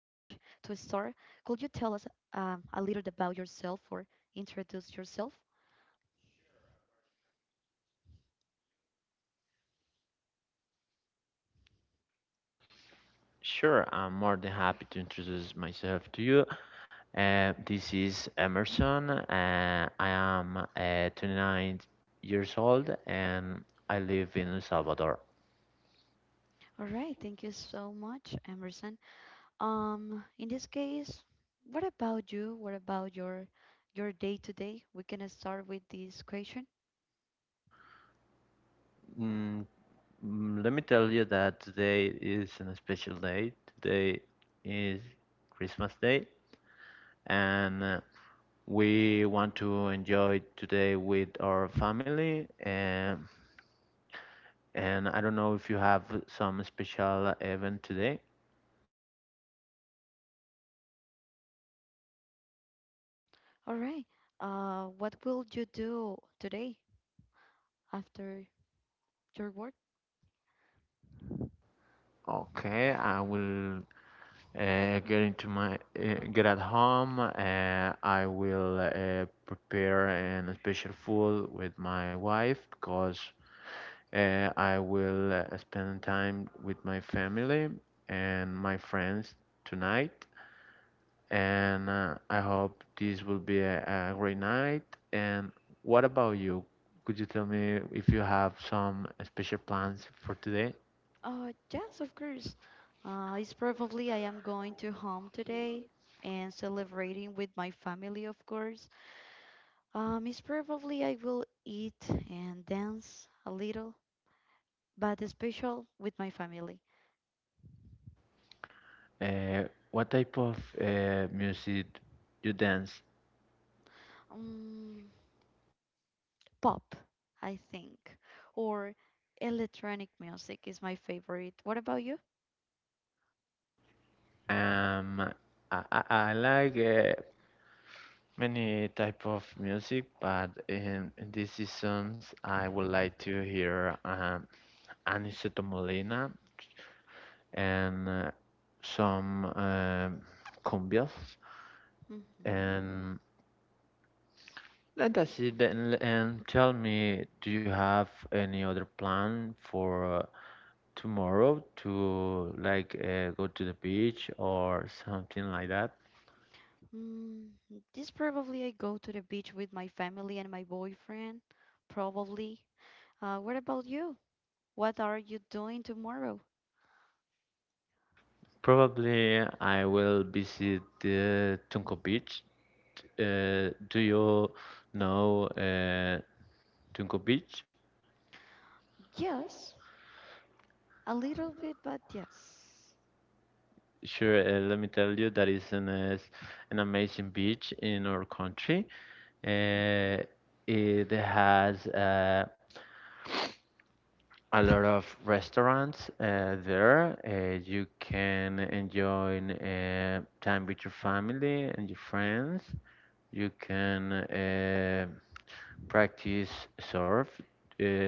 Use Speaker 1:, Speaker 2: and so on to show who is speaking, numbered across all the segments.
Speaker 1: could you tell us a little about yourself or introduce yourself?
Speaker 2: Sure, I'm more than happy to introduce myself to you. This is Emerson. I am 29 years old and I live in El Salvador.
Speaker 1: All right. Thank you so much, Emerson. In this case, what about you? What about your day to day? We can start with this question.
Speaker 2: Mm, Let me tell you that today is a special day. Today is Christmas Day, and we want to enjoy today with our family. And I don't know if you have some special event today.
Speaker 1: All right. What will you do today after your work?
Speaker 2: Okay, I will get into my get at home. I will prepare an special food with my wife because I will spend time with my family and my friends tonight. And I hope this will be a great night. And what about you? Could you tell me if you have some special plans for today?
Speaker 1: Yes, of course. It's probably I am going to home today and celebrating with my family, of course. It's probably I will eat and dance a little, but special with my family.
Speaker 2: Uh, what type of music you dance?
Speaker 1: Um, pop, I think, or electronic music is my favorite. What about you?
Speaker 2: Um, I like many type of music, but in these seasons, I would like to hear Aniceto Molina and some cumbias.
Speaker 1: Mm-hmm.
Speaker 2: And let us see. Then, and tell me, do you have any other plan for tomorrow to like go to the beach or something like that?
Speaker 1: Mm, this probably I go to the beach with my family and my boyfriend, probably. What about you? What are you doing tomorrow?
Speaker 2: Probably I will visit the Tunco Beach. Do you know Tunco Beach?
Speaker 1: Yes, a little bit, but yes.
Speaker 2: Sure, let me tell you that is an amazing beach in our country.
Speaker 1: Mhm.
Speaker 2: Uh, it has a lot of restaurants there. You can enjoy time with your family and your friends. You can practice surf.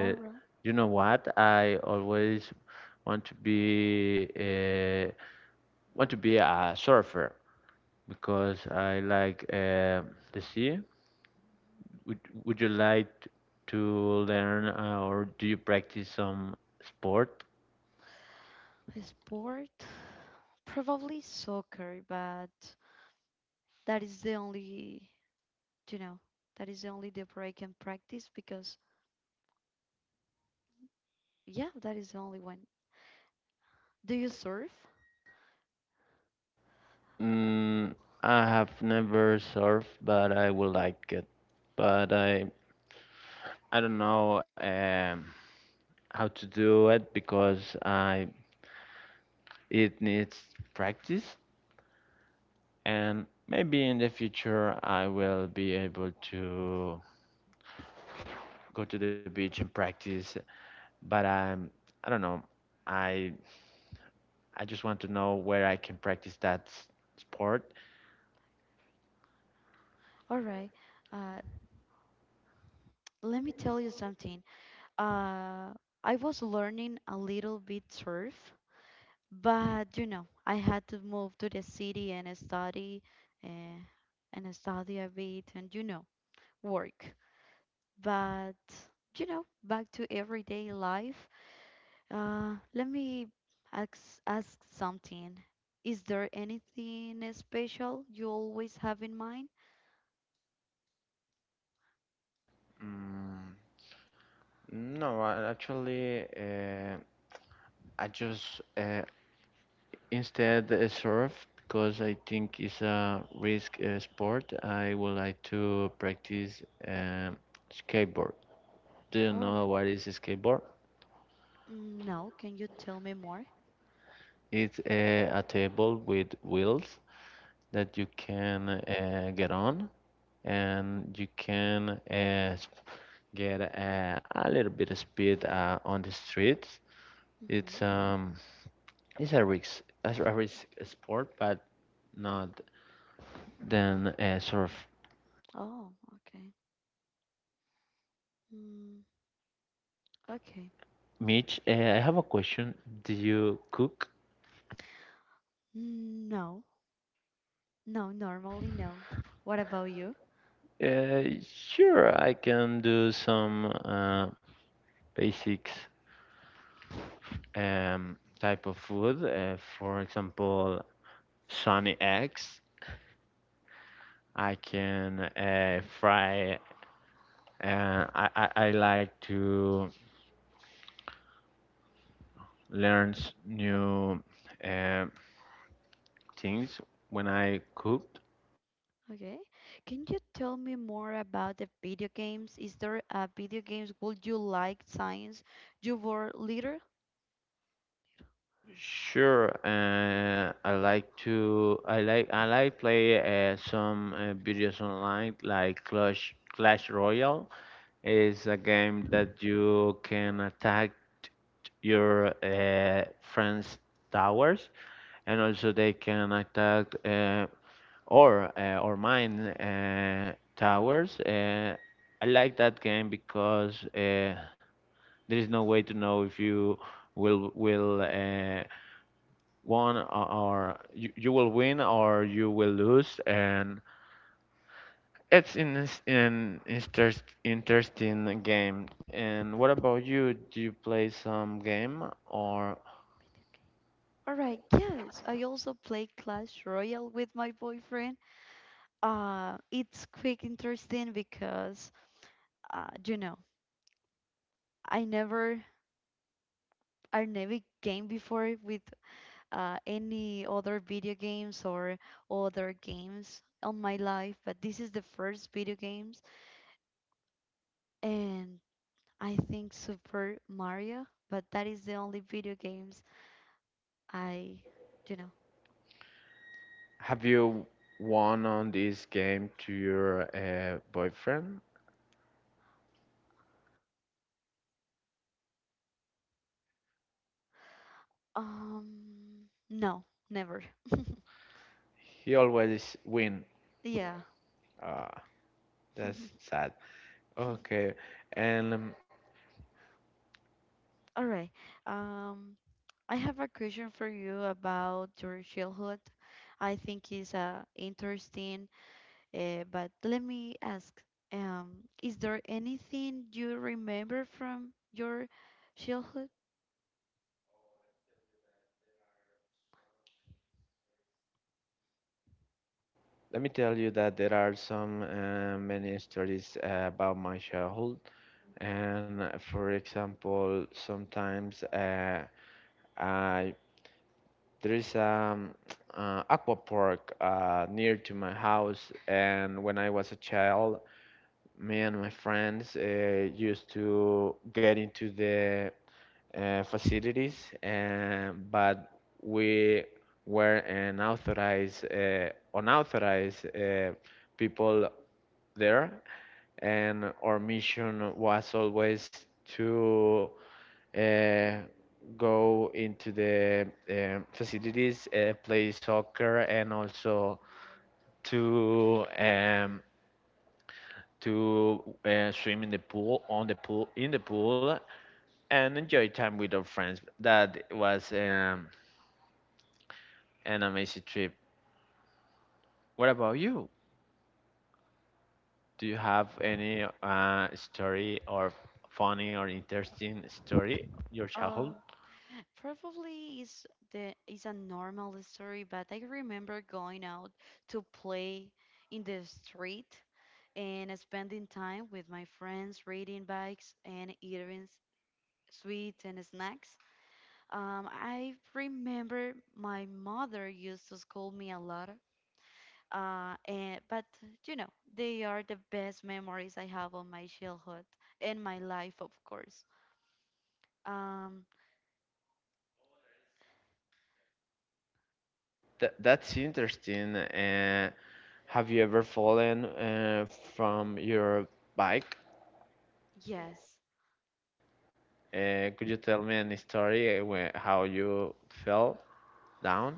Speaker 1: All right.
Speaker 2: you know what? I always want to be a surfer because I like the sea. Would Would you like to learn or do you practice some sport?
Speaker 1: A sport? Probably soccer, but that is the only, you know, that is the only that I can practice because, yeah, that is the only one. Do you surf?
Speaker 2: Mm, I have never surfed, but I would like it. But I don't know how to do it because I it needs practice, and maybe in the future I will be able to go to the beach and practice. But I'm I don't know. I I just want to know where I can practice that sport.
Speaker 1: All right. Uh, let me tell you something. Uh, I was learning a little bit surf. But you know, I had to move to the city uh, and study a bit, and you know, work. But you know, back to everyday life. Let me ask ask something. Is there anything special you always have in mind?
Speaker 2: Mm, no, actually, I just instead, surf, because I think it's a risk sport. I would like to practice skateboard. Do you
Speaker 1: Or
Speaker 2: know what is a skateboard?
Speaker 1: no? Can you tell me more?
Speaker 2: It's a table with wheels that you can get on, and you can get a little bit of speed on the streets.
Speaker 1: Hmm.
Speaker 2: It's um, it's a risk sport, but not than surf.
Speaker 1: Oh, okay. Mm, okay.
Speaker 2: Mitch, I have a question. Do you cook?
Speaker 1: No, no, normally no. What about you?
Speaker 2: Sure, I can do some basics type of food. For example, sunny eggs. I can fry. I like to learn new uh, things when I cook.
Speaker 1: Okay. Can you tell me more about the video games? Is there a video games would you like Science, you were little?
Speaker 2: Sure, I like to I like play some videos online like Clash Royale. It's a game that you can attack your friends' towers, and also they can attack or mine towers. I like that game because there is no way to know if will will uh, you will win or you will lose, and it's an interesting game. And what about you? Do you play some game, or
Speaker 1: Video game. All right, yes. I also play Clash Royale with my boyfriend. It's quick interesting because you know, I never I never game before with any other video games or other games on my life, but this is the first video games and I think Super Mario, but that is the only video games I do know.
Speaker 2: have you won on this game to your boyfriend?
Speaker 1: No, never.
Speaker 2: He always win?
Speaker 1: Yeah.
Speaker 2: Ah, that's sad. Okay. And
Speaker 1: All right. Um, I have a question for you about your childhood. I think it's interesting, but let me ask, um, is there anything you remember from your childhood?
Speaker 2: let me tell you that there are some many stories about my childhood. And for example, sometimes I there is aqua park near to my house, and when I was a child, me and my friends used to get into the facilities, and but we were an authorized, unauthorized people there, and our mission was always to uh, go into the facilities, play soccer, and also to swim in the pool, and enjoy time with our friends. That was an amazing trip. What about you? Do you have any story or funny or interesting story your childhood?
Speaker 1: Oh, probably is the is a normal story, but I remember going out to play in the street and spending time with my friends, riding bikes and eating sweets and snacks. I remember my mother used to scold me a lot, and but you know they are the best memories I have of my childhood and my life, of course. Um,
Speaker 2: That's interesting. Have you ever fallen from your bike?
Speaker 1: yes,
Speaker 2: Could you tell me any story how you fell down?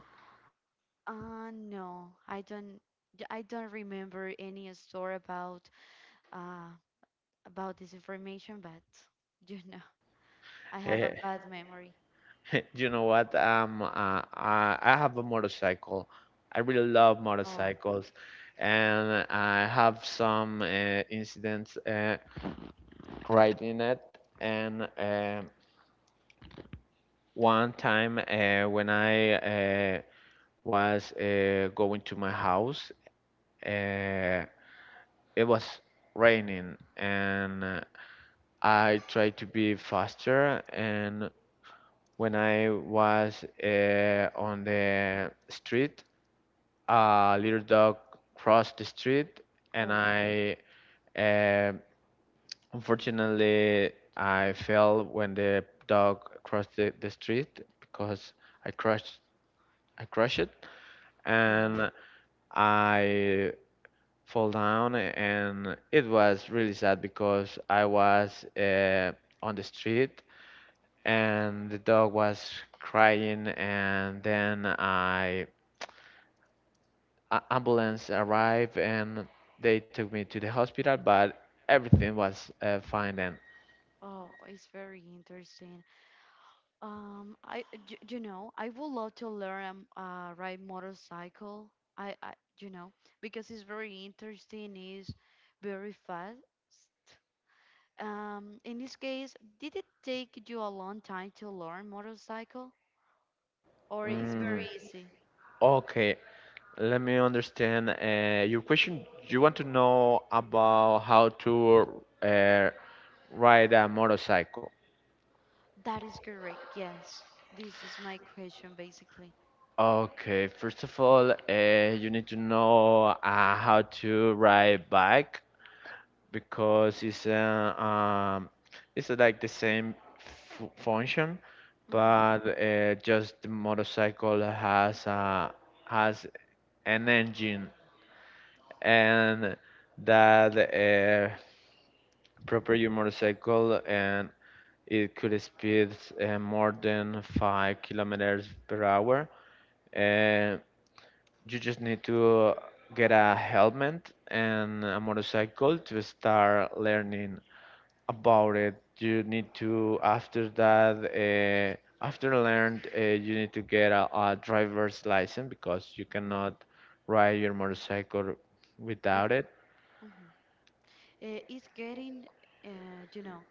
Speaker 1: no, I don't. I don't remember any story uh about this information, but you know, I have a
Speaker 2: Eh,
Speaker 1: bad memory.
Speaker 2: you know what? I have a motorcycle. I really love
Speaker 1: Oh,
Speaker 2: motorcycles, and I have some incidents riding it. And one time when I was going to my house, Uh, it was raining and I tried to be faster. And when I was on the street, a little dog crossed the street, and
Speaker 1: oh,
Speaker 2: I uh, unfortunately I fell when the dog crossed the street because I crushed I crushed it
Speaker 1: oh,
Speaker 2: and I fall down, and it was really sad because I was on the street and the dog was crying, and then ambulance arrived and they took me to the hospital, but everything was fine then.
Speaker 1: oh, it's very interesting. You know, I would love to learn ride motorcycle. I, I, you know, because it's very interesting. It's very fast. In this case, did it take you a long time to learn motorcycle? Or it's very
Speaker 2: Mm,
Speaker 1: easy.
Speaker 2: okay, let me understand your question. You want to know about how to ride a motorcycle.
Speaker 1: That is correct. Yes. This is my question basically.
Speaker 2: Okay, first of all, you need to know how to ride bike because it's like the same f function,
Speaker 1: Hmm.
Speaker 2: but just the motorcycle has an engine and that proper your motorcycle, and it could speed more than 5 kilometers per hour. Uh, You just need to get a helmet and a motorcycle to start learning about it. You need to, after that, after learned, you need to get a driver's license because you cannot
Speaker 1: Hmm.
Speaker 2: ride your motorcycle
Speaker 1: If
Speaker 2: without it.
Speaker 1: mhm. Is getting you know,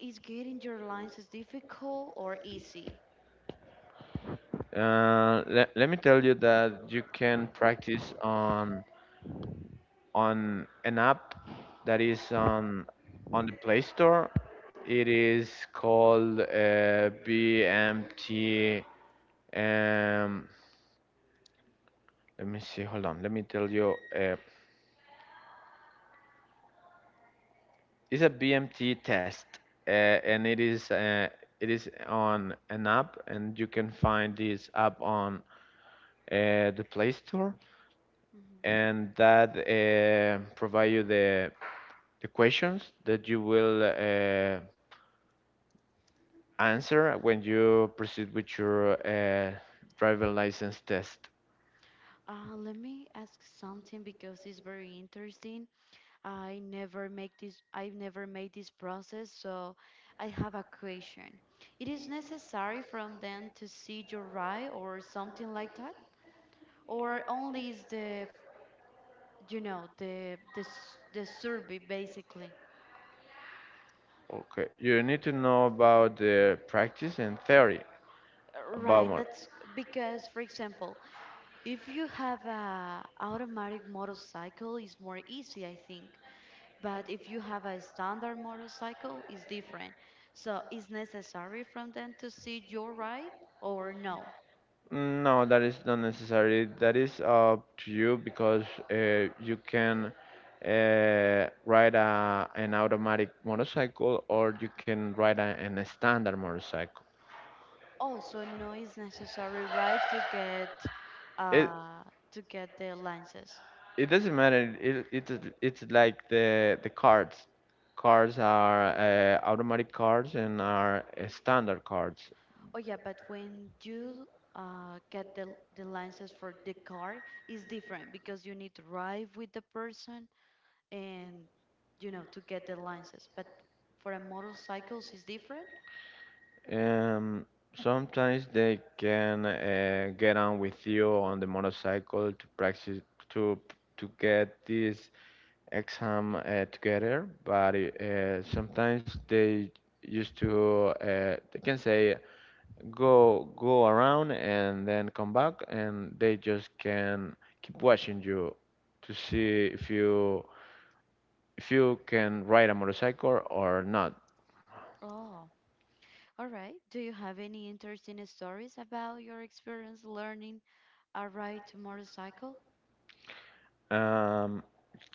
Speaker 1: is getting your lines as difficult or easy?
Speaker 2: Let me tell you that you can practice on an app that is on the Play Store. It is called BMT. Um, let me see. Hold on. Let me tell you. It's a BMT test, and it is on an app, and you can find this app on the Play Store,
Speaker 1: Mhm.
Speaker 2: and that provide you the questions that you will answer when you proceed with your driving license test.
Speaker 1: Let me ask something because it's very interesting. I've never made this process, so I have a question. It is necessary from them to see your right or something like that, or only is the you know the survey basically
Speaker 2: Okay, you need to know about the practice and theory about
Speaker 1: right
Speaker 2: more.
Speaker 1: that's because for example if you have a automatic motorcycle it's more easy I think but if you have a standard motorcycle it's different so is necessary from them to see your right or no.
Speaker 2: No, that is not necessary. That is up to you because you can ride an automatic motorcycle, or you can ride an standard motorcycle.
Speaker 1: Oh, so no it's necessary right
Speaker 2: It,
Speaker 1: uh to get the lenses.
Speaker 2: It doesn't matter. It's like the cards. Cards are automatic cards and are standard cards.
Speaker 1: Oh yeah, but when you get the license for the car, it's different because you need to drive with the person and you know to get the license. But for a motorcycles, it's different.
Speaker 2: Um, Sometimes they can get on with you on the motorcycle to practice to to get this exam together. But sometimes they used to they can say go around and then come back, and they just can keep watching you to see if you can ride a motorcycle or not.
Speaker 1: Oh, all right. Do you have any interesting stories about your experience learning a ride to motorcycle?
Speaker 2: um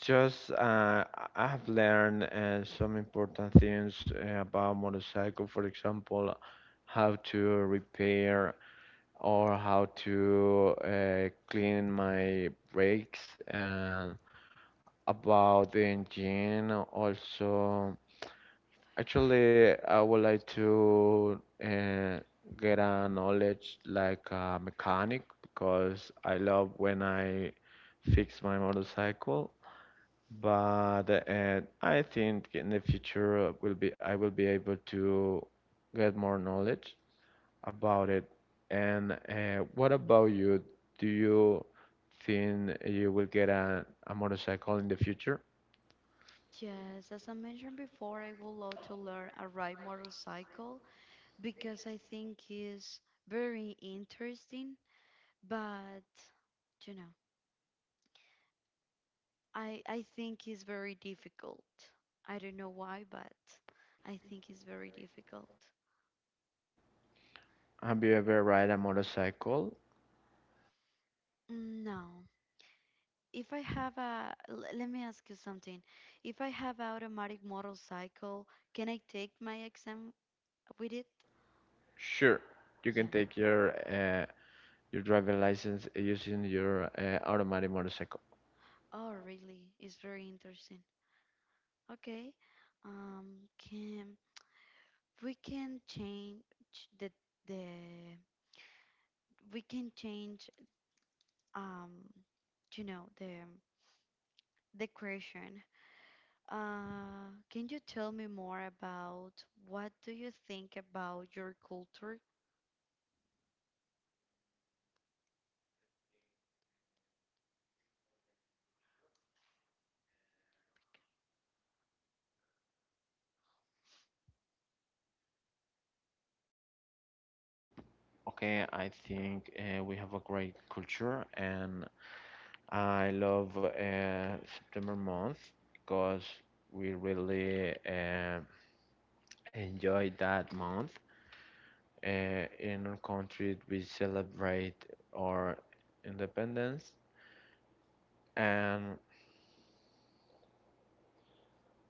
Speaker 2: just I have learned some important things about motorcycle. For example, how to repair or how to clean my brakes and about the engine also. Actually, I would like to get a knowledge like a mechanic because I love when I fix my motorcycle. But I think in the future will be I will be able to get more knowledge about it. And what about you? Do you think you will get a motorcycle in the future?
Speaker 1: Yes, as I mentioned before, I would love to learn a ride motorcycle because I think it's very interesting, but you know. I think it's very difficult. I don't know why, but I think it's very difficult.
Speaker 2: Have you ever ride a motorcycle?
Speaker 1: No. If I have a, let me ask you something. If I have a automatic motorcycle, can I take my exam with it?
Speaker 2: Sure, you
Speaker 1: Yeah.
Speaker 2: can take your driving license using your automatic motorcycle.
Speaker 1: Oh, really? It's very interesting. Okay. Can we can change the the we can change um, you know, the question. Can you tell me more about what do you think about your culture?
Speaker 2: Okay, I think we have a great culture, and I love September month because we really enjoy that month. In our country, we celebrate our independence, and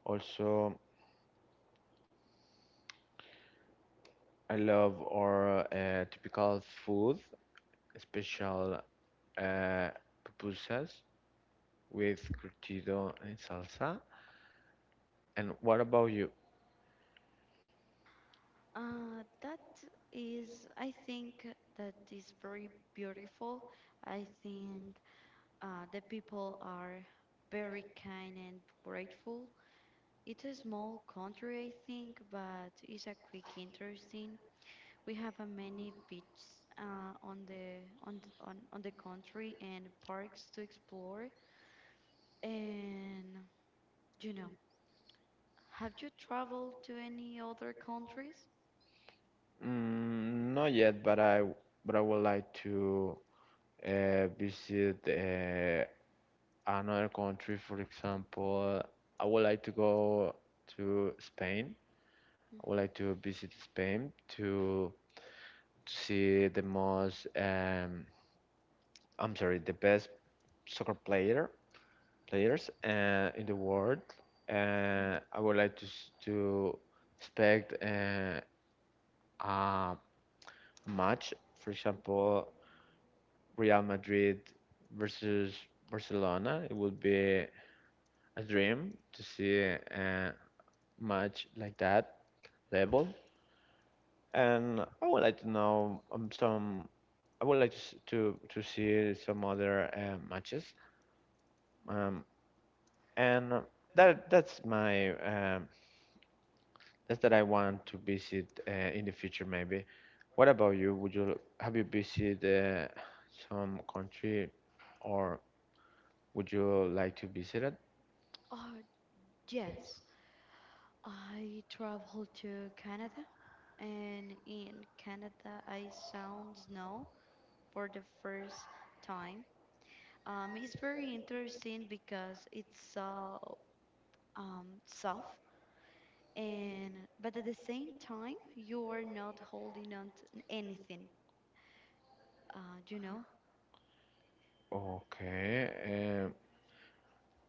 Speaker 2: also I love our typical food, special uh, pupusas with curtido and salsa. And what about you?
Speaker 1: That is, I think that is very beautiful. I think the people are very kind and grateful. It's a small country, I think, but it's a quick interesting. We have a many beaches on the on the country and parks to explore, and you know. Have you traveled to any other countries?
Speaker 2: Mm, not yet, but I would like to visit another country. For example, I would like to go to Spain. I would
Speaker 1: Mhm.
Speaker 2: like to visit Spain to see the most I'm sorry, the best soccer players in the world. I would like to expect a match, for example, Real Madrid versus Barcelona. It would be a dream to see a match like that level. And I would like to know some. I would like to to see some other matches. Um, and that that's my that's that I want to visit in the future, maybe. What about you? Would you Have you visited some country, or would you like to visit it?
Speaker 1: Oh, yes. I traveled to Canada, and in Canada, I saw snow for the first time. It's very interesting because it's so soft, and but at the same time, you are not holding on to anything. You know?
Speaker 2: Okay. Um,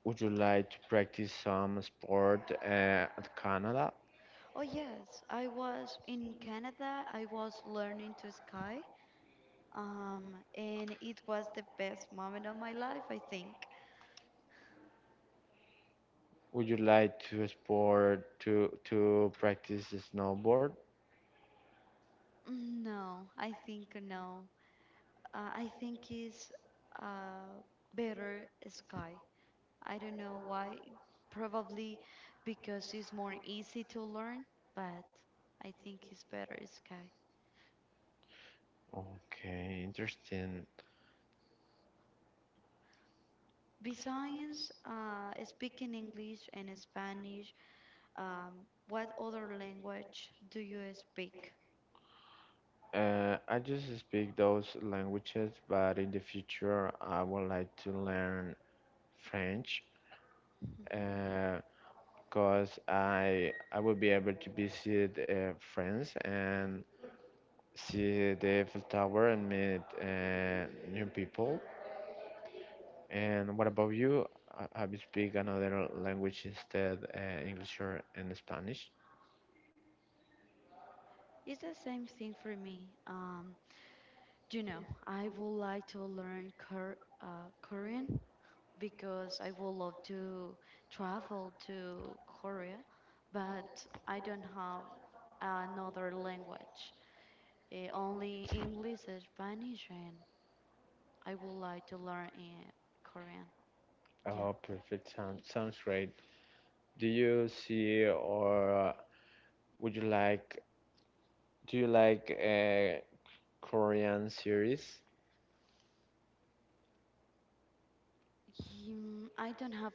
Speaker 2: would you like to practice some sport at Canada?
Speaker 1: Oh, yes. I was in Canada. I was learning to ski, and it was the best moment of my life, I think.
Speaker 2: Would you like to sport to practice snowboard?
Speaker 1: No, I think no. I think it's uh, better sky. I don't know why. Probably because it's more easy to learn, but I think it's better sky.
Speaker 2: Okay, interesting.
Speaker 1: Besides speaking English and Spanish, what other language do you speak?
Speaker 2: I just speak those languages, but in the future I would like to learn French
Speaker 1: Mhm.
Speaker 2: because I will be able to visit friends and see the Eiffel Tower and meet new people. And what about you? Have you speak another language instead English or and Spanish?
Speaker 1: It's the same thing for me. You know, I would like to learn Korean because I would love to travel to Korea, but I don't have another language. Eh, only English and Spanish, and I would like to learn eh, Korean. Yeah.
Speaker 2: Oh, perfect. Sounds great. Do you see or would you like? Do you like Korean series?
Speaker 1: I don't have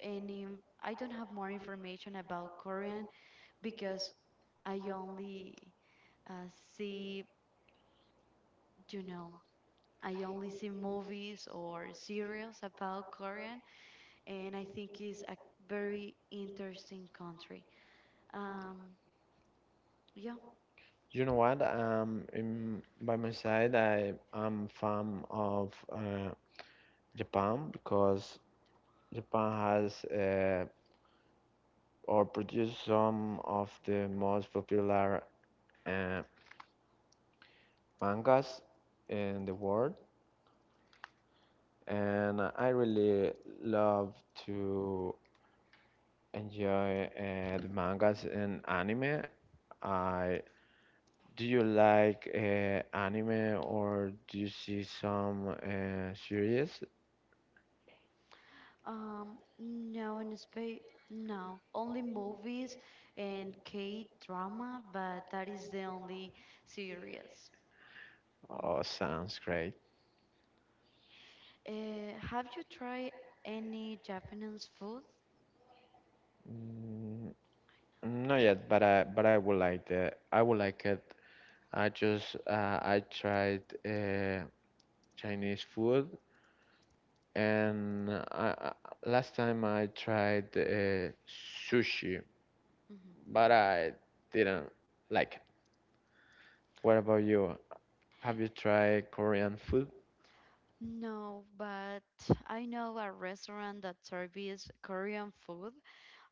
Speaker 1: any, I don't have more information about Korean because I only uh, see, you know. I only see movies or serials about Korean, and I think it's a very interesting country. Um, yeah.
Speaker 2: You know what? In, by my side, I am fan of Japan because Japan has or produced some of the most popular uh, mangas in the world, and I really love to enjoy the mangas and anime. I do you like anime or do you see some series?
Speaker 1: No, in Spain, no. Only movies and K drama, but that is the only series.
Speaker 2: Oh, sounds great.
Speaker 1: Uh, have you tried any Japanese food?
Speaker 2: Mm, not yet, but I would like the I would like it. I tried Chinese food, and last time I tried sushi,
Speaker 1: Mhm.
Speaker 2: but I didn't like it. What about you? Have you tried Korean food?
Speaker 1: No, but I know a restaurant that serves Korean food,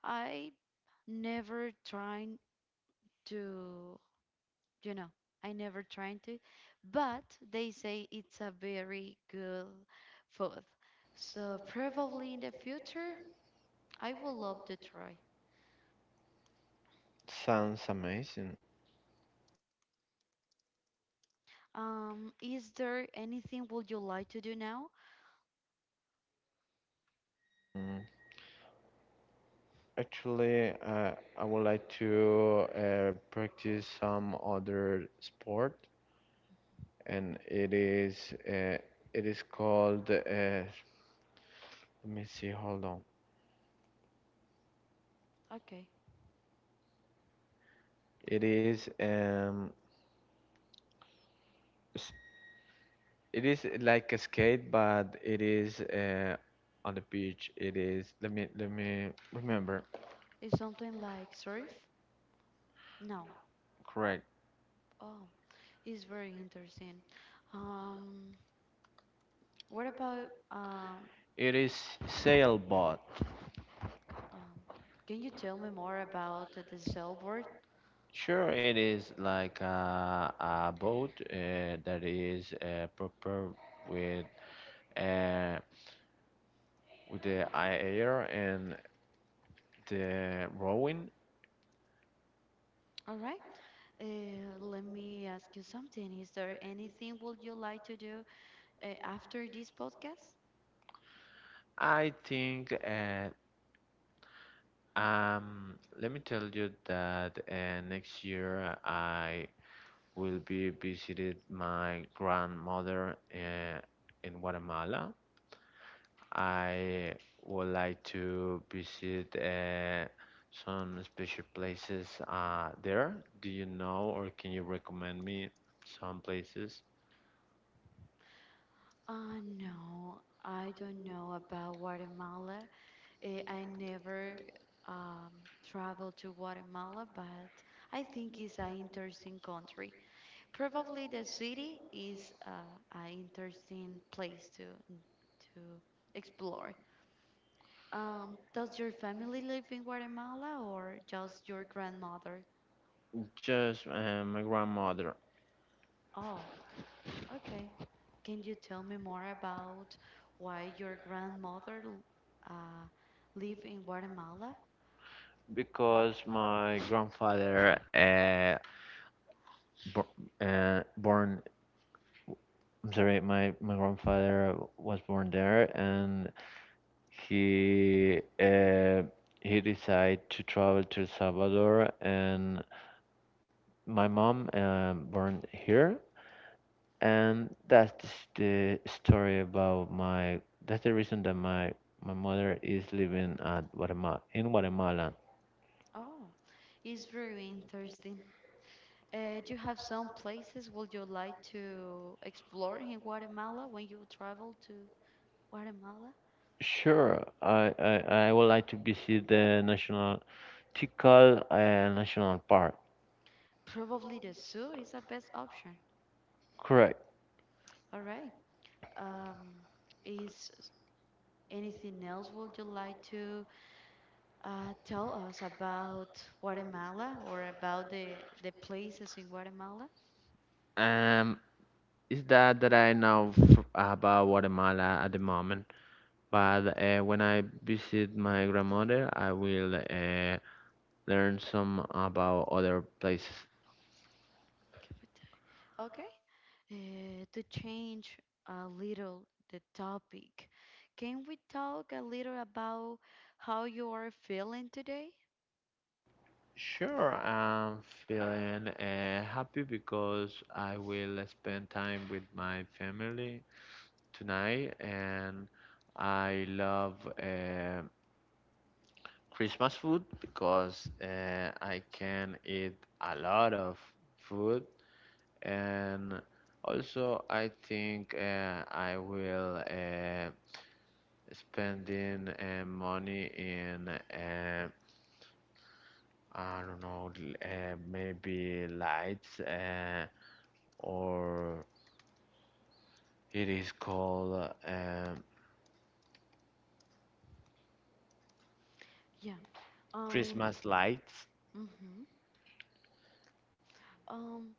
Speaker 1: I never trying to, you know, I never trying to, but they say it's a very good food. So probably in the future, I will love to try.
Speaker 2: Sounds amazing.
Speaker 1: Is there anything would you like to do now?
Speaker 2: Actually, I would like to practice some other sport, and it is called let me see, hold on,
Speaker 1: Okay.
Speaker 2: it is s- it is like a skate, but it is on the beach. It is, let me remember
Speaker 1: Is something like surf? No.
Speaker 2: correct.
Speaker 1: Oh, it's very interesting. Um, what about
Speaker 2: It is sailboat.
Speaker 1: um, can you tell me more about the sailboard?
Speaker 2: Sure, it is like a boat that is prepared with uh, with the air and the rowing.
Speaker 1: All right. Let me ask you something. Is there anything would you like to do after this podcast?
Speaker 2: I think let me tell you that next year I will be visited my grandmother in Guatemala. I would like to visit some special places there. Do you know or can you recommend me some places?
Speaker 1: No, I don't know about Guatemala. I never um, traveled to Guatemala, but I think it's an interesting country. Probably the city is an interesting place to explore. Does your family live in Guatemala or just your grandmother?
Speaker 2: Just my grandmother.
Speaker 1: Oh, okay. Can you tell me more about why your grandmother uh, lived in Guatemala?
Speaker 2: Because my grandfather bor- born, I'm sorry, my grandfather was born there and he uh, he decided to travel to El Salvador and my mom born here, and that's the story about my that's the reason that my mother is living at Guatemala, in Guatemala.
Speaker 1: Oh, it's very interesting. Do you have some places would you like to explore in Guatemala when you travel to Guatemala?
Speaker 2: Sure, I would like to visit the national Tikal National Park.
Speaker 1: Probably the zoo is the best option.
Speaker 2: Correct.
Speaker 1: All right. Um, is anything else would you like to tell us about Guatemala or about the places in Guatemala?
Speaker 2: Um, It's that I know about Guatemala at the moment. But when I visit my grandmother, I will learn some about other places.
Speaker 1: Okay. To change a little the topic, can we talk a little about how you are feeling today?
Speaker 2: Sure, I'm feeling happy because I will spend time with my family tonight, and I love uh, Christmas food because I can eat a lot of food, and also I think I will spending money in, I don't know, maybe lights, or it is called
Speaker 1: Yeah. In
Speaker 2: Christmas lights.
Speaker 1: mm-hmm. Um.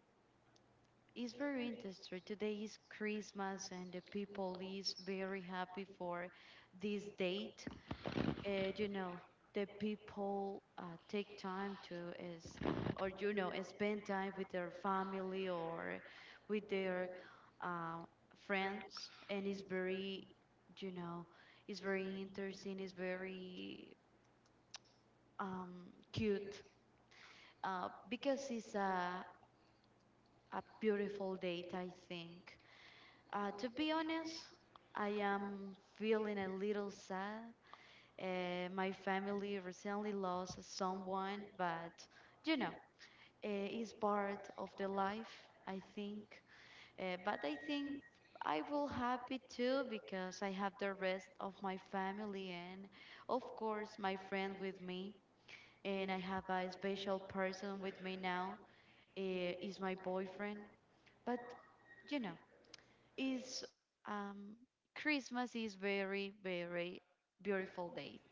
Speaker 1: It's very interesting. Today is Christmas, and the people is very happy for this date. You know, the people take time to is or you know spend time with their family or with their uh, friends, and it's very, you know, it's very interesting. It's very cute because it's a beautiful date, I think. To be honest, I am feeling a little sad. My family recently lost someone, but you know, it's part of the life, I think. But I think I will happy too because I have the rest of my family and, of course, my friend with me. And I have a special person with me now. Is my boyfriend, but you know, is um, Christmas is very very beautiful date.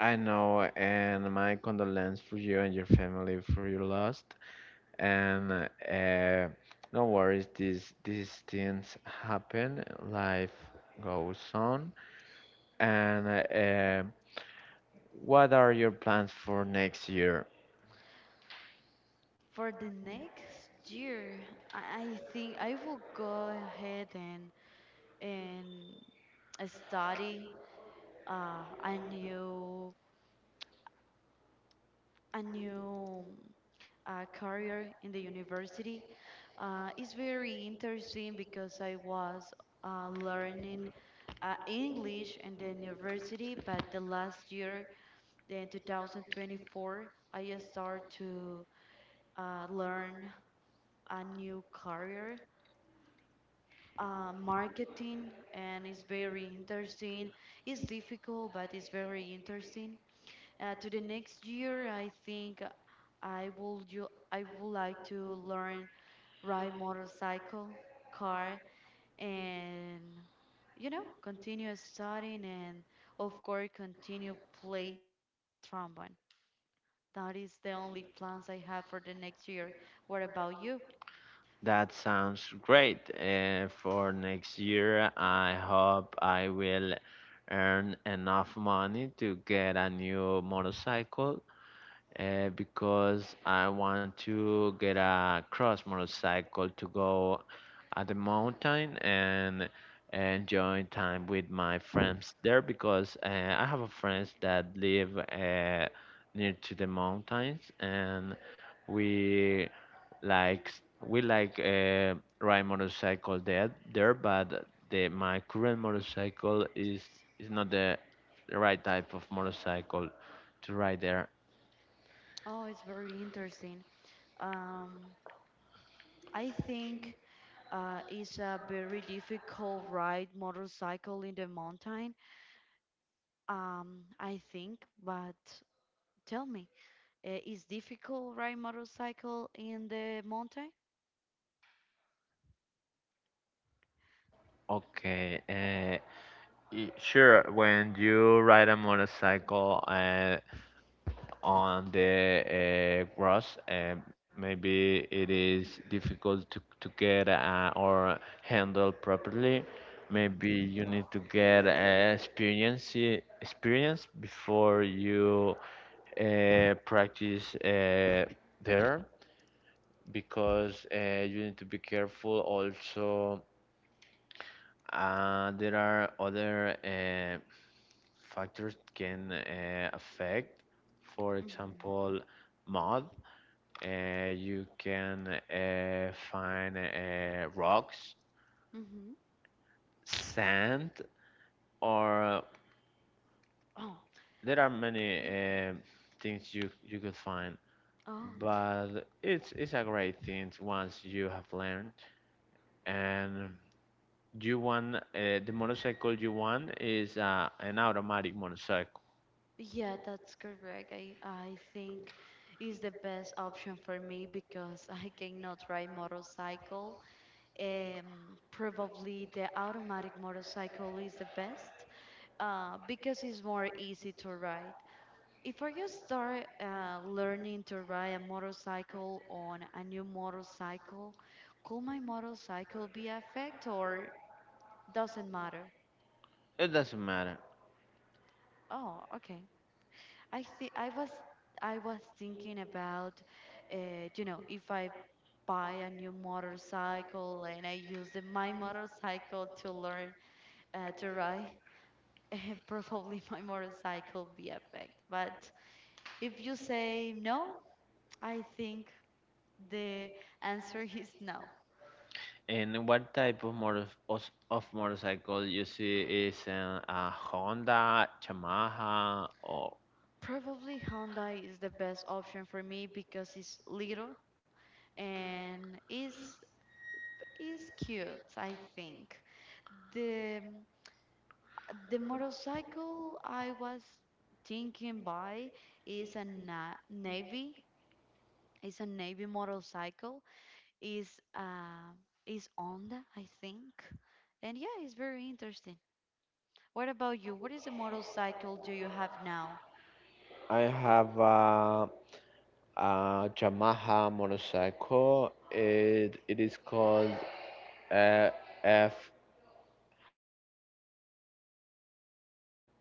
Speaker 2: I know, and my condolence for you and your family for your loss. And no worries, these things happen. Life goes on. And what are your plans for next year?
Speaker 1: For the next year, I think I will go ahead and and study a new a new career in the university. It's very interesting because I was learning English in the university, but the last year, the 2024, I start to learn a new career marketing and it's very interesting. It's difficult, but it's very interesting. To the next year, I think I will you I would like to learn ride motorcycle, car, and you know continue studying and of course, continue play trombone. That is the only plans I have for the next year. What about you?
Speaker 2: That sounds great. For next year, I hope I will earn enough money to get a new motorcycle because I want to get a cross motorcycle to go at the mountain and enjoy time with my friends there, because I have a friends that live near to the mountains, and we like we like ride motorcycle there, but the my current motorcycle is not the right type of motorcycle to ride there.
Speaker 1: Oh, it's very interesting. Um, I think it's a very difficult ride motorcycle in the mountain. I think, but tell me, is difficult ride motorcycle in the mountain?
Speaker 2: Okay, sure. When you ride a motorcycle on the grass, maybe it is difficult to get or handle properly. Maybe
Speaker 1: Mm-hmm.
Speaker 2: you need to get experience, before you practice there, because you need to be careful. Also, there are other factors can affect. For
Speaker 1: Mm-hmm.
Speaker 2: example, mud. You can find rocks,
Speaker 1: Mm-hmm.
Speaker 2: sand, or
Speaker 1: Oh,
Speaker 2: there are many things you could find.
Speaker 1: oh,
Speaker 2: But it's a great thing once you have learned. And you want the motorcycle you want is an automatic motorcycle.
Speaker 1: yeah, that's correct. I think is the best option for me because I cannot ride motorcycle. Probably the automatic motorcycle is the best, because it's more easy to ride. If I just start learning to ride a motorcycle on a new motorcycle, could my motorcycle be affected or doesn't matter?
Speaker 2: It doesn't matter.
Speaker 1: Oh, okay. I think I was thinking about, you know, if I buy a new motorcycle and I use the, my motorcycle to learn to ride, probably my motorcycle be affected. But if you say no, I think the answer is no.
Speaker 2: And what type of of motorcycle you see is a Honda, Yamaha, or
Speaker 1: Probably Hyundai is the best option for me because it's little and is cute, I think. The the motorcycle I was thinking buy is a na navy. It's a navy motorcycle. Is uh is Honda, I think. And yeah, it's very interesting. What about you? What is the motorcycle do you have now?
Speaker 2: I have a Yamaha motorcycle. It is called uh, F.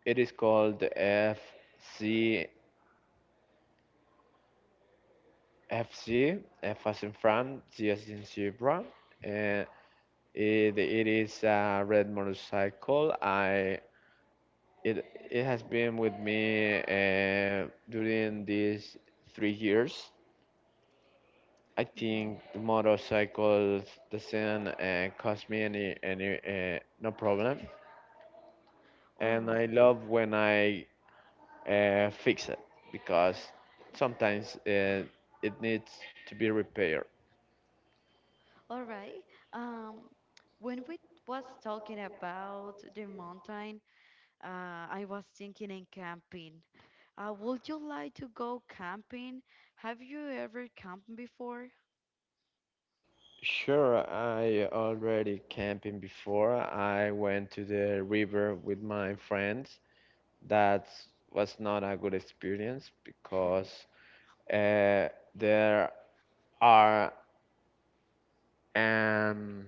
Speaker 2: It is called FCFCF as in Frank, Z as in zebra. Uh, it is a red motorcycle. I It it has been with me during these 3 years. I
Speaker 1: Mm-hmm.
Speaker 2: think the motorcycles doesn't cause me any no problem,
Speaker 1: All
Speaker 2: and
Speaker 1: right.
Speaker 2: I love when I fix it because sometimes it needs to be repaired.
Speaker 1: All right. Um, when we was talking about the mountain, I was thinking in camping. Would you like to go camping? Have you ever camped before?
Speaker 2: Sure, I already camping before. I went to the river with my friends. That was not a good experience because Uh, there are um,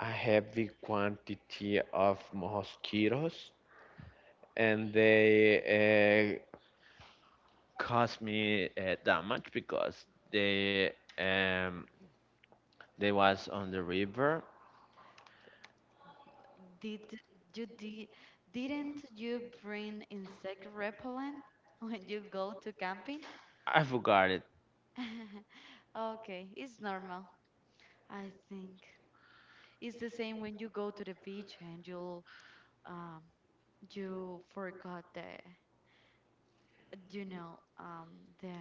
Speaker 2: a heavy quantity of mosquitoes, and they caused me damage because they um, they was on the river.
Speaker 1: Did you did didn't you bring insect repellent when you go to camping?
Speaker 2: I forgot it.
Speaker 1: Okay, it's normal, I think. It's the same when you go to the beach and you um you forgot the you know, the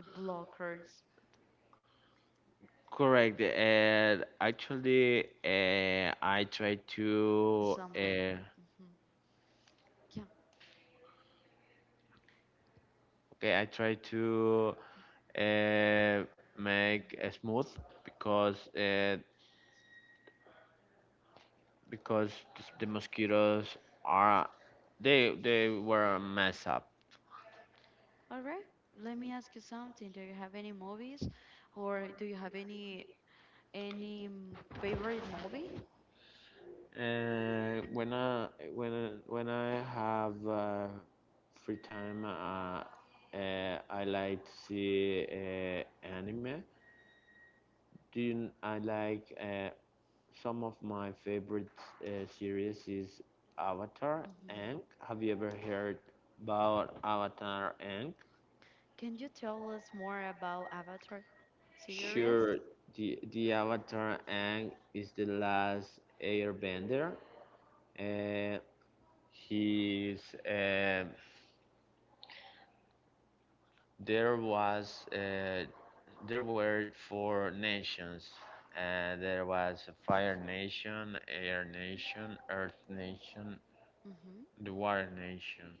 Speaker 1: the blockers,
Speaker 2: Correct. Actually, I tried
Speaker 1: the
Speaker 2: to
Speaker 1: sunblock. Hmm. Yeah.
Speaker 2: okay. I tried to uh, make
Speaker 1: Mm-hmm.
Speaker 2: a smooth because the mosquitoes are they were a mess up.
Speaker 1: All right. Let me ask you something. Do you have any movies, or do you have any favorite movie?
Speaker 2: And when I have free time, I like to see anime. Do you, I like some of my favorite series is Avatar
Speaker 1: Hmm.
Speaker 2: Aang. Have you ever heard about Avatar Aang?
Speaker 1: Can you tell us more about Avatar series?
Speaker 2: Sure, the Avatar Aang is the last Airbender, and he's um there was there were 4 nations, and there was a Fire Nation, Air Nation, Earth Nation,
Speaker 1: Hmm.
Speaker 2: the Water Nation,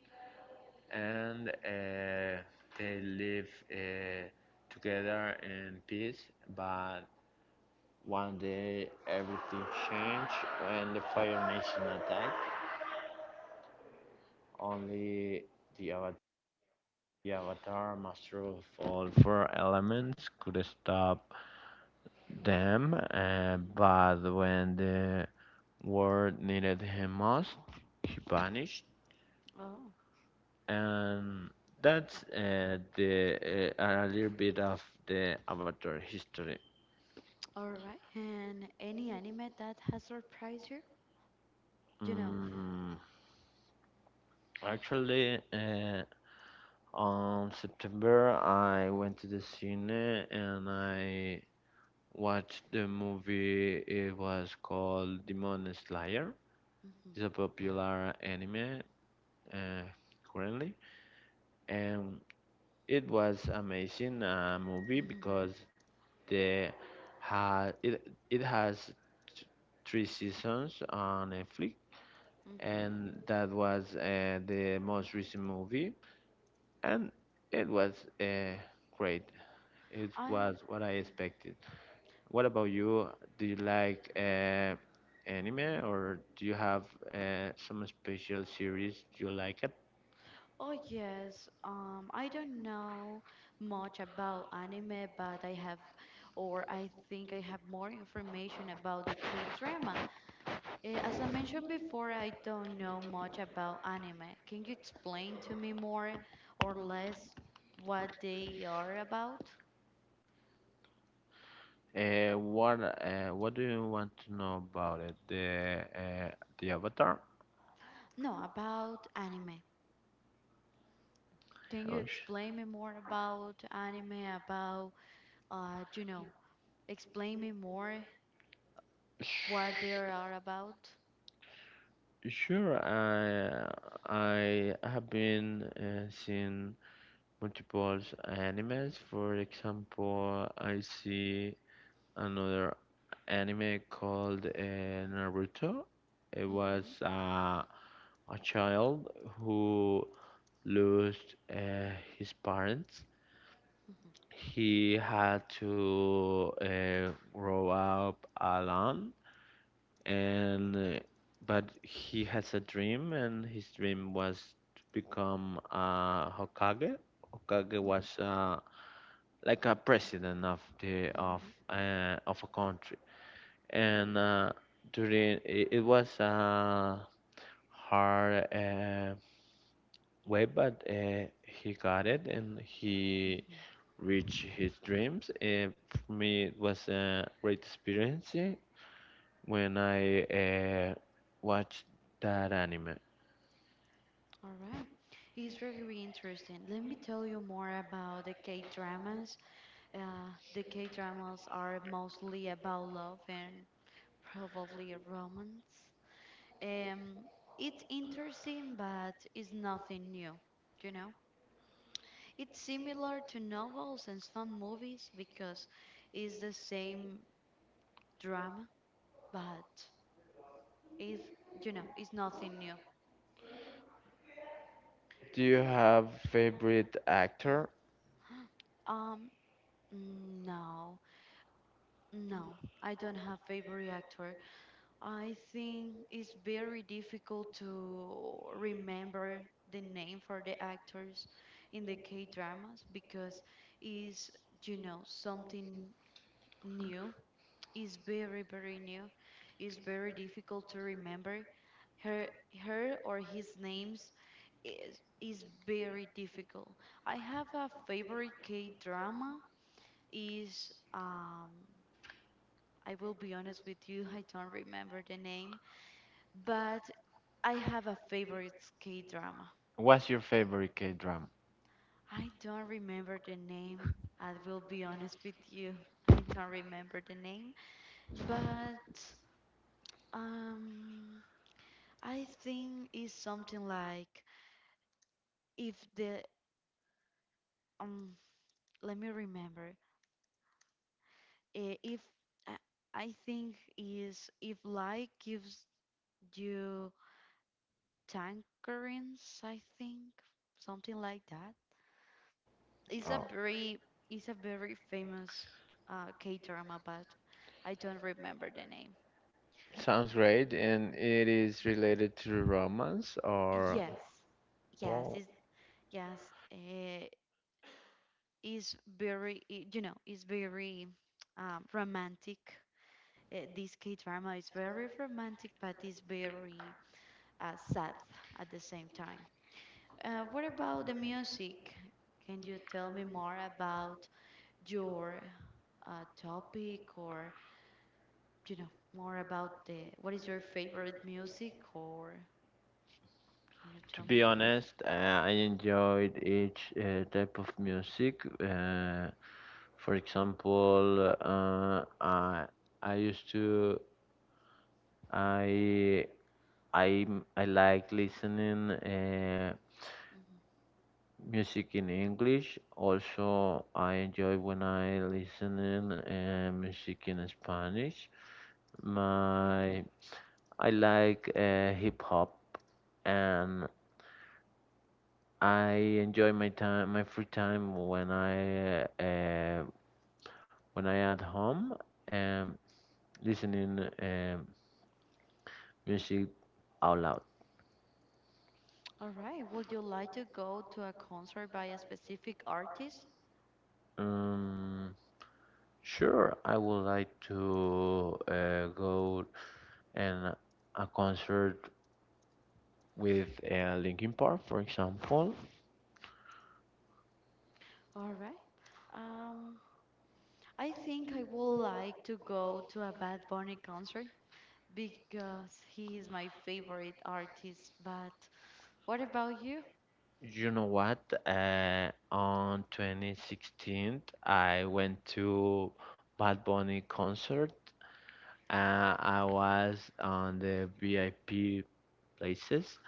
Speaker 2: and they live uh, together in peace, but One day everything changed when the Fire Nation attacked. Only the Ava- the Avatar, Master of all four elements, could stop them, but when the world needed him most, he vanished.
Speaker 1: Oh,
Speaker 2: And that's the a little bit of the Avatar history.
Speaker 1: all right. And any anime that has surprised you? You know.
Speaker 2: Mm, actually, On September, I went to the cine and I watched the movie. It was called Demon Slayer.
Speaker 1: Hmm.
Speaker 2: It's a popular anime uh, currently, and it was amazing movie
Speaker 1: Hmm.
Speaker 2: because they had it has th- 3 seasons on Netflix,
Speaker 1: Okay.
Speaker 2: and that was the most recent movie, and it was uh, great. It
Speaker 1: I.
Speaker 2: was what I
Speaker 1: mm,
Speaker 2: expected. What about you? Do you like anime, or do you have some special series you like it?
Speaker 1: Oh yes, I don't know much about anime, but I have, or I think I have more information about the K-drama. Eh, as I mentioned before, I don't know much about anime. Can you explain to me more or less what they are about?
Speaker 2: Uh, what what do you want to know about it? The Avatar?
Speaker 1: No, about anime. Can you
Speaker 2: Oh,
Speaker 1: explain me more about anime, about, you know, explain me more
Speaker 2: sh-
Speaker 1: what they are about?
Speaker 2: sure. I have been seeing multiple animes. For example, I see another anime called Naruto. It was
Speaker 1: Mm-hmm.
Speaker 2: a child who lost his parents.
Speaker 1: Mm-hmm.
Speaker 2: He had to grow up alone, and but he has a dream, and his dream was to become a Hokage. Hokage was like a president of the
Speaker 1: Mhm,
Speaker 2: of a country, and it was a hard way, but he got it and he
Speaker 1: mhm.
Speaker 2: reached his dreams. For me, it was a great experience when I watched that anime.
Speaker 1: All right. It's very, very interesting. Let me tell you more about the K dramas. The K dramas are mostly about love and probably romance. Um, it's interesting, but it's nothing new. You know, it's similar to novels and some movies because it's the same drama, but it's, you know, it's nothing new.
Speaker 2: Do you have favorite actor?
Speaker 1: Um, no. No, I don't have favorite actor. I think it's very difficult to remember the name for the actors in the K dramas because is you know something new. It's very very new. It's very difficult to remember her her or his names is very difficult. I have a favorite K drama is I will be honest with you, I don't remember the name, but I have a favorite K drama.
Speaker 2: What's your favorite K-drama?
Speaker 1: Yeah. I don't remember the name. I will be honest with you. I don't remember the name, but um I think it's something like if the um let me remember. If I I think is if light gives you tangerines, I think something like that. It's a
Speaker 2: Oh,
Speaker 1: very it's a very famous K drama, but I don't remember the name.
Speaker 2: sounds great, and it is related to romance or.
Speaker 1: Yes, yes,
Speaker 2: Oh,
Speaker 1: it's, yes. Uh, is very you know it's very romantic. This K drama is very romantic, but it's very sad at the same time. What about the music? Can you tell me more about your topic or you know more about the what is your favorite music or can you
Speaker 2: to
Speaker 1: tell me?
Speaker 2: be honest, I enjoyed each type of music. For example, I used to I I I like listening
Speaker 1: Mm-hmm.
Speaker 2: music in English. Also, I enjoy when I listening music in Spanish. My I like hip hop, and I enjoy my time, my free time when I at home and listening music out loud.
Speaker 1: All right. Would you like to go to a concert by a specific artist?
Speaker 2: Um, sure, I would like to go and a concert with Linkin Park, for example.
Speaker 1: All right. Um, I think I would like to go to a Bad Bunny concert because he is my favorite artist. But what about you?
Speaker 2: You know what? On 2016, I went to Bad Bunny concert. I was on the VIP places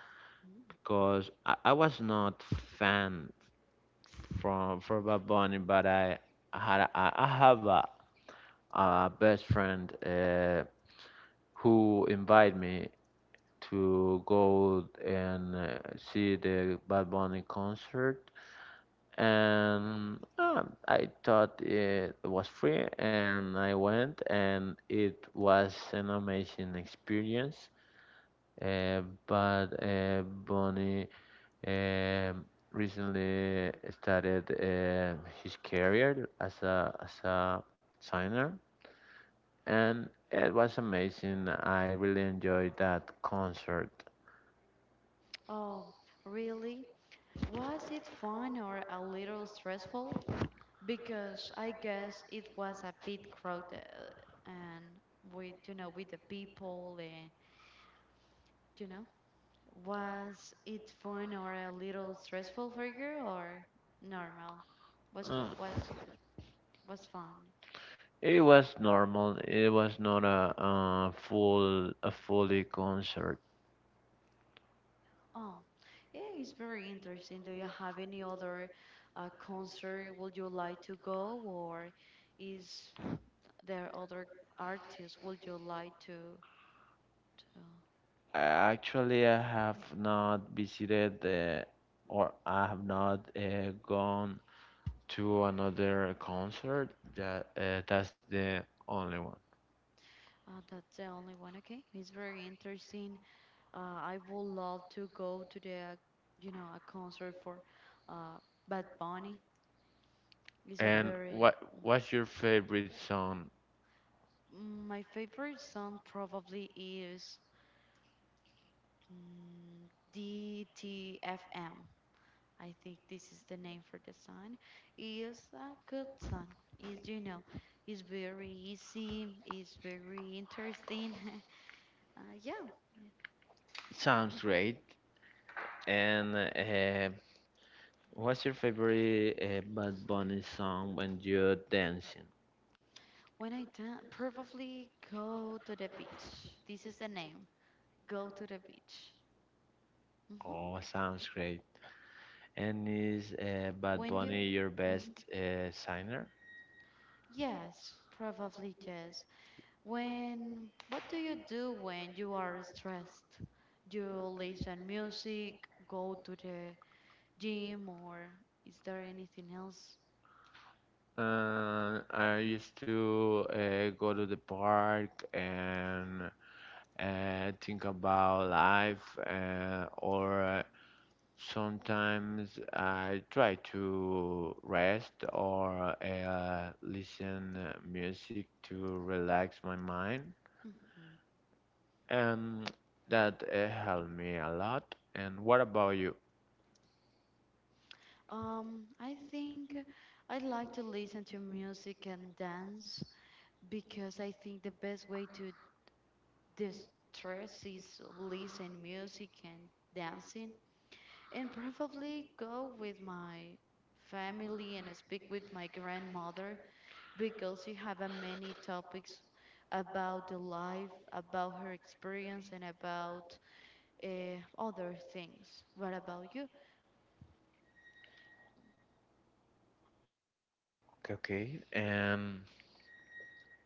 Speaker 1: Mm.
Speaker 2: because I was not fan from Bad Bunny, but I have a best friend who invited me to go and see the Bad Bunny concert, and I thought it was free, and I went, and it was an amazing experience. But Bonnie um, recently started his career as a singer, and it was amazing. I really enjoyed that concert.
Speaker 1: Oh, really? Was it fun or a little stressful? Because I guess it was a bit crowded and with you know with the people and you know was it fun or a little stressful for you or normal? Was
Speaker 2: Mm.
Speaker 1: was was fun.
Speaker 2: It was normal. It was not a, full a fully concert.
Speaker 1: Oh, yeah, it's very interesting. Do you have any other concert would you like to go or is there other artists would you like to
Speaker 2: Actually, I have not visited the, or I have not gone to another concert. That's the only one.
Speaker 1: that's the only one. Okay, it's very interesting. I would love to go to the, you know, a concert for uh, Bad Bunny. It's a
Speaker 2: And
Speaker 1: very
Speaker 2: what what's your favorite song?
Speaker 1: My favorite song probably is mm, DTFM. I think this is the name for the song. It's a good song. It's you know, it's very easy. It's very interesting. Yeah. Yeah.
Speaker 2: Sounds great. And what's your favorite Bad Bunny song when you're dancing?
Speaker 1: When I done, probably go to the beach. This is the name. Go to the beach. Hmm.
Speaker 2: Oh, sounds great. And is Bad
Speaker 1: When you,
Speaker 2: Bunny your
Speaker 1: hmm
Speaker 2: best singer?
Speaker 1: yes, probably yes. When, what do you do when you are stressed? Do you listen music, go to the gym, or is there anything else?
Speaker 2: I used to go to the park and think about life or sometimes I try to rest or listen music to relax my mind,
Speaker 1: Mhm.
Speaker 2: and that helped me a lot. And what about you?
Speaker 1: I think I like to listen to music and dance because I think the best way to distress is listen music and dancing. And probably go with my family and speak with my grandmother because she have a many topics about the life, about her experience, and about other things. What about you?
Speaker 2: Okay, okay.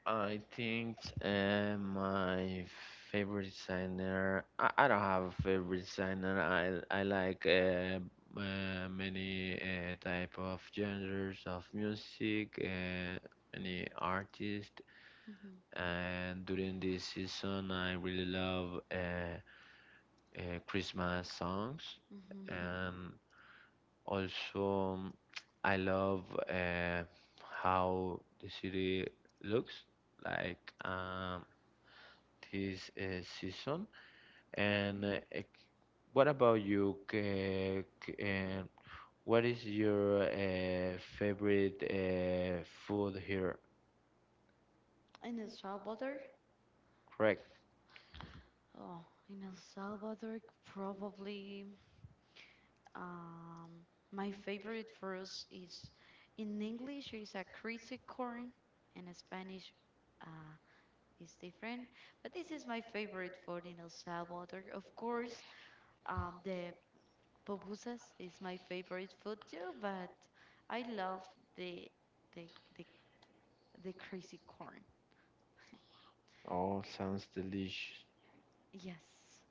Speaker 2: I think my favorite designer. I don't have a favorite designer. I like many type of genres of music, many artists.
Speaker 1: Hmm.
Speaker 2: And during this season, I really love Christmas songs, and also I love uh, how the city looks like this season.
Speaker 1: Hmm.
Speaker 2: And what about you? And what is your favorite food here?
Speaker 1: In El Salvador?
Speaker 2: Correct.
Speaker 1: Oh, in El Salvador, probably um, my favorite fruits is in English is a crazy corn, and in Spanish, uh, is different. But this is my favorite food in El Salvador. Of course, the pupusas is my favorite food too, but I love the the the, the crazy corn.
Speaker 2: Oh, sounds delicious.
Speaker 1: Yes.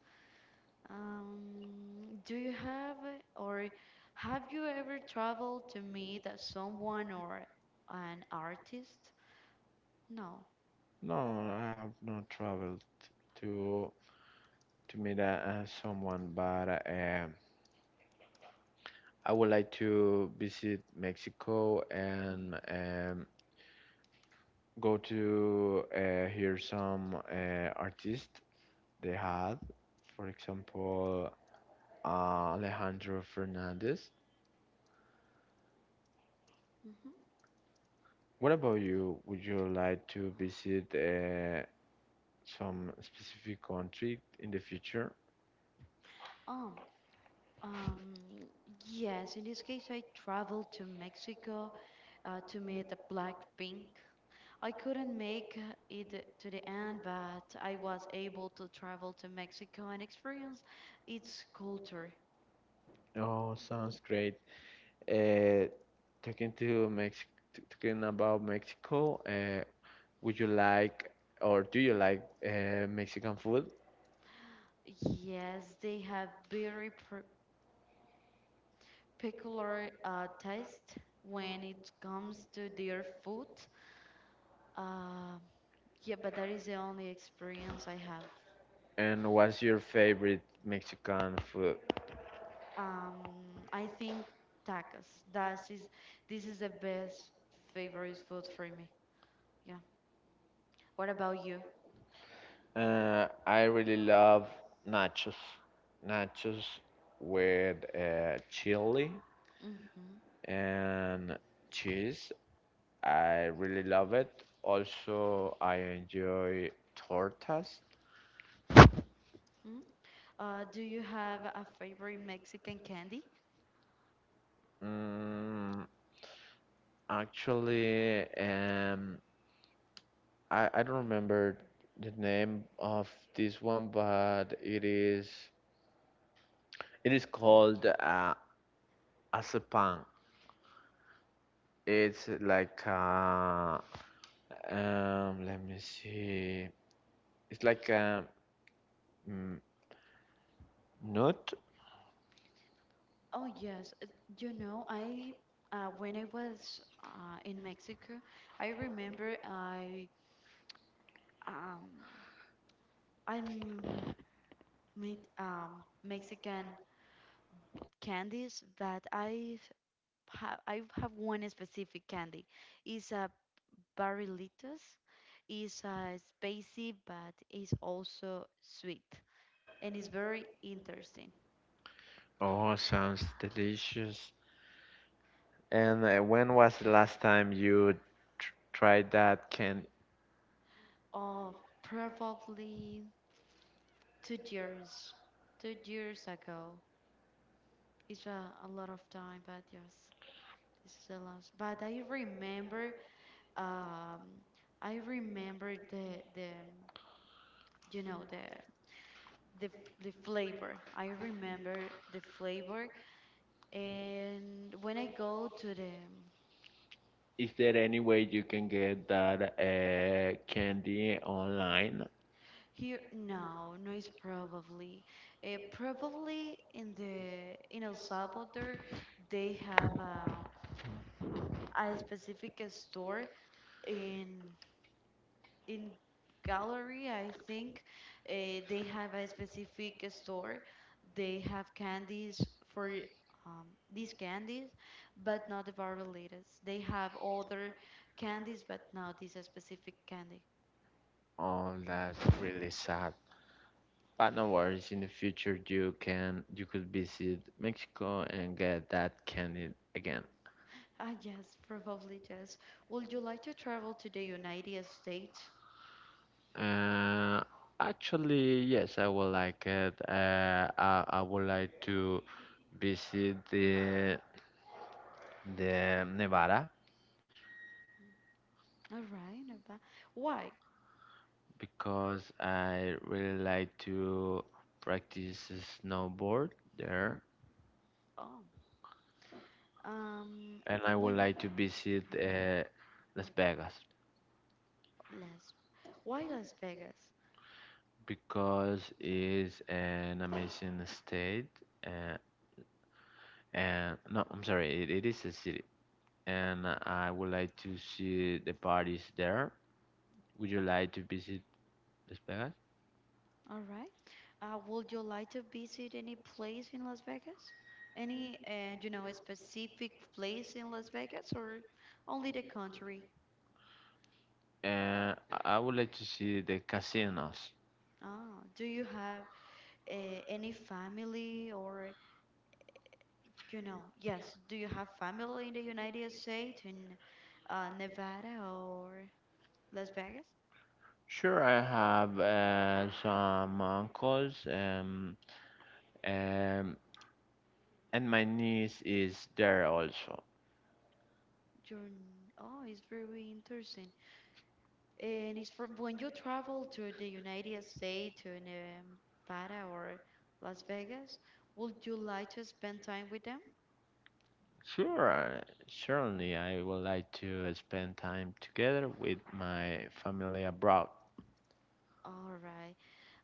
Speaker 1: Do you have or have you ever traveled to meet someone or an artist? No.
Speaker 2: No, I have not traveled to meet someone, but I would like to visit Mexico and go to hear some artists they had. For example, Alejandro Fernandez.
Speaker 1: Mm-hmm.
Speaker 2: What about you? Would you like to visit some specific country in the future?
Speaker 1: Um, um, yes, in this case, I traveled to Mexico to meet the Blackpink. I couldn't make it to the end, but I was able to travel to Mexico and experience its culture.
Speaker 2: Oh, sounds great. Uh, talking to Mex Talking about Mexico, would you like or do you like Mexican food?
Speaker 1: Yes, they have very peculiar taste when it comes to their food. Uh, yeah, but that is the only experience I have.
Speaker 2: And what's your favorite Mexican food?
Speaker 1: I think tacos. This is the best favorite food for me. Yeah. What about you?
Speaker 2: I really love nachos. Nachos with chili
Speaker 1: Mm-hmm.
Speaker 2: and cheese. I really love it. Also, I enjoy tortas.
Speaker 1: Mm-hmm. Do you have a favorite Mexican candy?
Speaker 2: Mm, actually, I don't remember the name of this one, but it is called asapan. It's like let me see. It's like a, mm, nut.
Speaker 1: Oh yes, you know I when I was in Mexico, I remember um I m- meet Mexican candies, but I have one specific candy. It's a barrilitos. It's spicy, but it's also sweet, and it's very interesting.
Speaker 2: Oh, sounds delicious. And when was the last time you tr tried that? Can
Speaker 1: Oh, probably. two years, 2 years ago. It's a lot of time, but yes, this is the last. But um, I remember the you know the f- the flavor. I remember the flavor, and when I go to the
Speaker 2: is there any way you can get that candy online?
Speaker 1: here, no, no, it's probably, probably in the in El Salvador, they have a specific store in in gallery I think they have a specific store they have candies for these candies but not the viral latest they have other candies but not this specific candy.
Speaker 2: Oh, that's
Speaker 1: Mhm.
Speaker 2: really sad. But no worries. In the future, you can you could visit Mexico and get that candy again.
Speaker 1: Ah yes probably yes would you like to travel to the United States
Speaker 2: Uh, Actually, yes, I would like it. I would like to visit the Nevada
Speaker 1: all right not bad. Why
Speaker 2: because I really like to practice snowboard there,
Speaker 1: oh um
Speaker 2: and I would
Speaker 1: when you-
Speaker 2: like to visit
Speaker 1: Mhm.
Speaker 2: Las Vegas
Speaker 1: Las why Las Vegas.
Speaker 2: because it's an amazing state. Uh, and no, I'm sorry, it is a city, and I would like to see the parties there. Would you like to visit Las Vegas?
Speaker 1: All right. Would you like to visit any place in Las Vegas? Any, you know, a specific place in Las Vegas or only the country?
Speaker 2: Uh, I would like to see the casinos.
Speaker 1: Ah, do you have any family or, you know, yes, do you have family in the United States in Nevada or Las Vegas?
Speaker 2: Sure, I have some uncles. Um, and my niece is there also.
Speaker 1: You're, oh, it's very interesting. And it's from when you travel to the United States, to Nevada or Las Vegas, would you like to spend time with them?
Speaker 2: Sure, certainly I would like to spend time together with my family abroad.
Speaker 1: All right.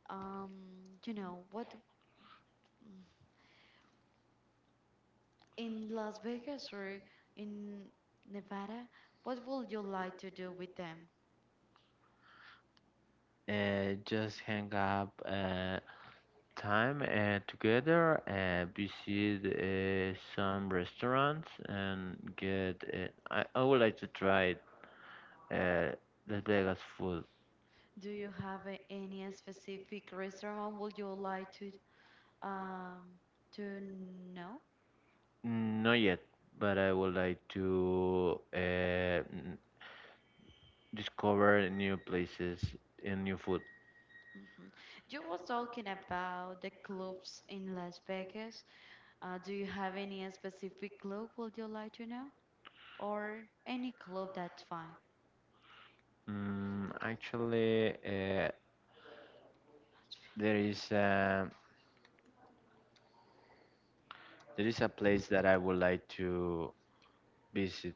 Speaker 1: Um, you know, what mm, in Las Vegas or in Nevada, what would you like to do with them?
Speaker 2: Just hang up time together, visit some restaurants, and get. I would like to try uh, Las Vegas food.
Speaker 1: Do you have a, any specific restaurant would you like um to know?
Speaker 2: Not yet, but I would like to discover new places and new food.
Speaker 1: Hmm. You was talking about the clubs in Las Vegas. Do you have any specific club would you like to know? Or any club, that's fine.
Speaker 2: Mm, actually,
Speaker 1: That's fine.
Speaker 2: there is a, there is a place that I would like to visit.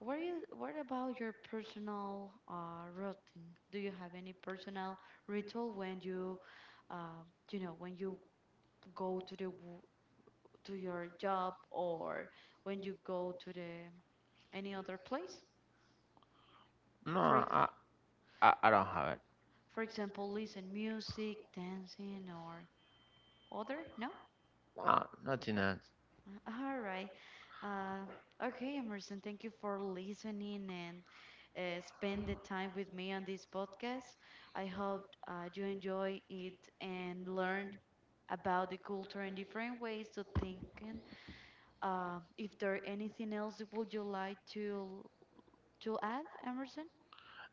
Speaker 1: What about your personal routine? Do you have any personal ritual when you, uh, you know, when you go to to your job or when you go to the any other place?
Speaker 2: No,
Speaker 1: For ex-
Speaker 2: I don't have it.
Speaker 1: for example, listen music, dancing, or other? No?
Speaker 2: No, nothing else.
Speaker 1: All right. Uh, okay, Emerson, thank you for listening and spend the time with me on this podcast. I hope you enjoy it and learn about the culture and different ways to thinking. If there anything else would you like to add, Emerson?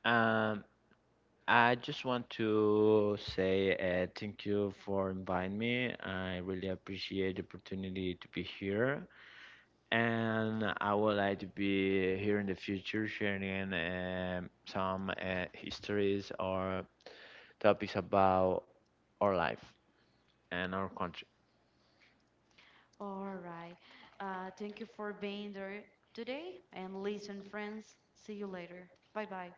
Speaker 2: Um, I just want to say thank you for inviting me. I really appreciate the opportunity to be here, and I would like to be here in the future sharing some histories or topics about our life and our country.
Speaker 1: All right. Thank you for being there today and listen, friends. See you later. Bye bye.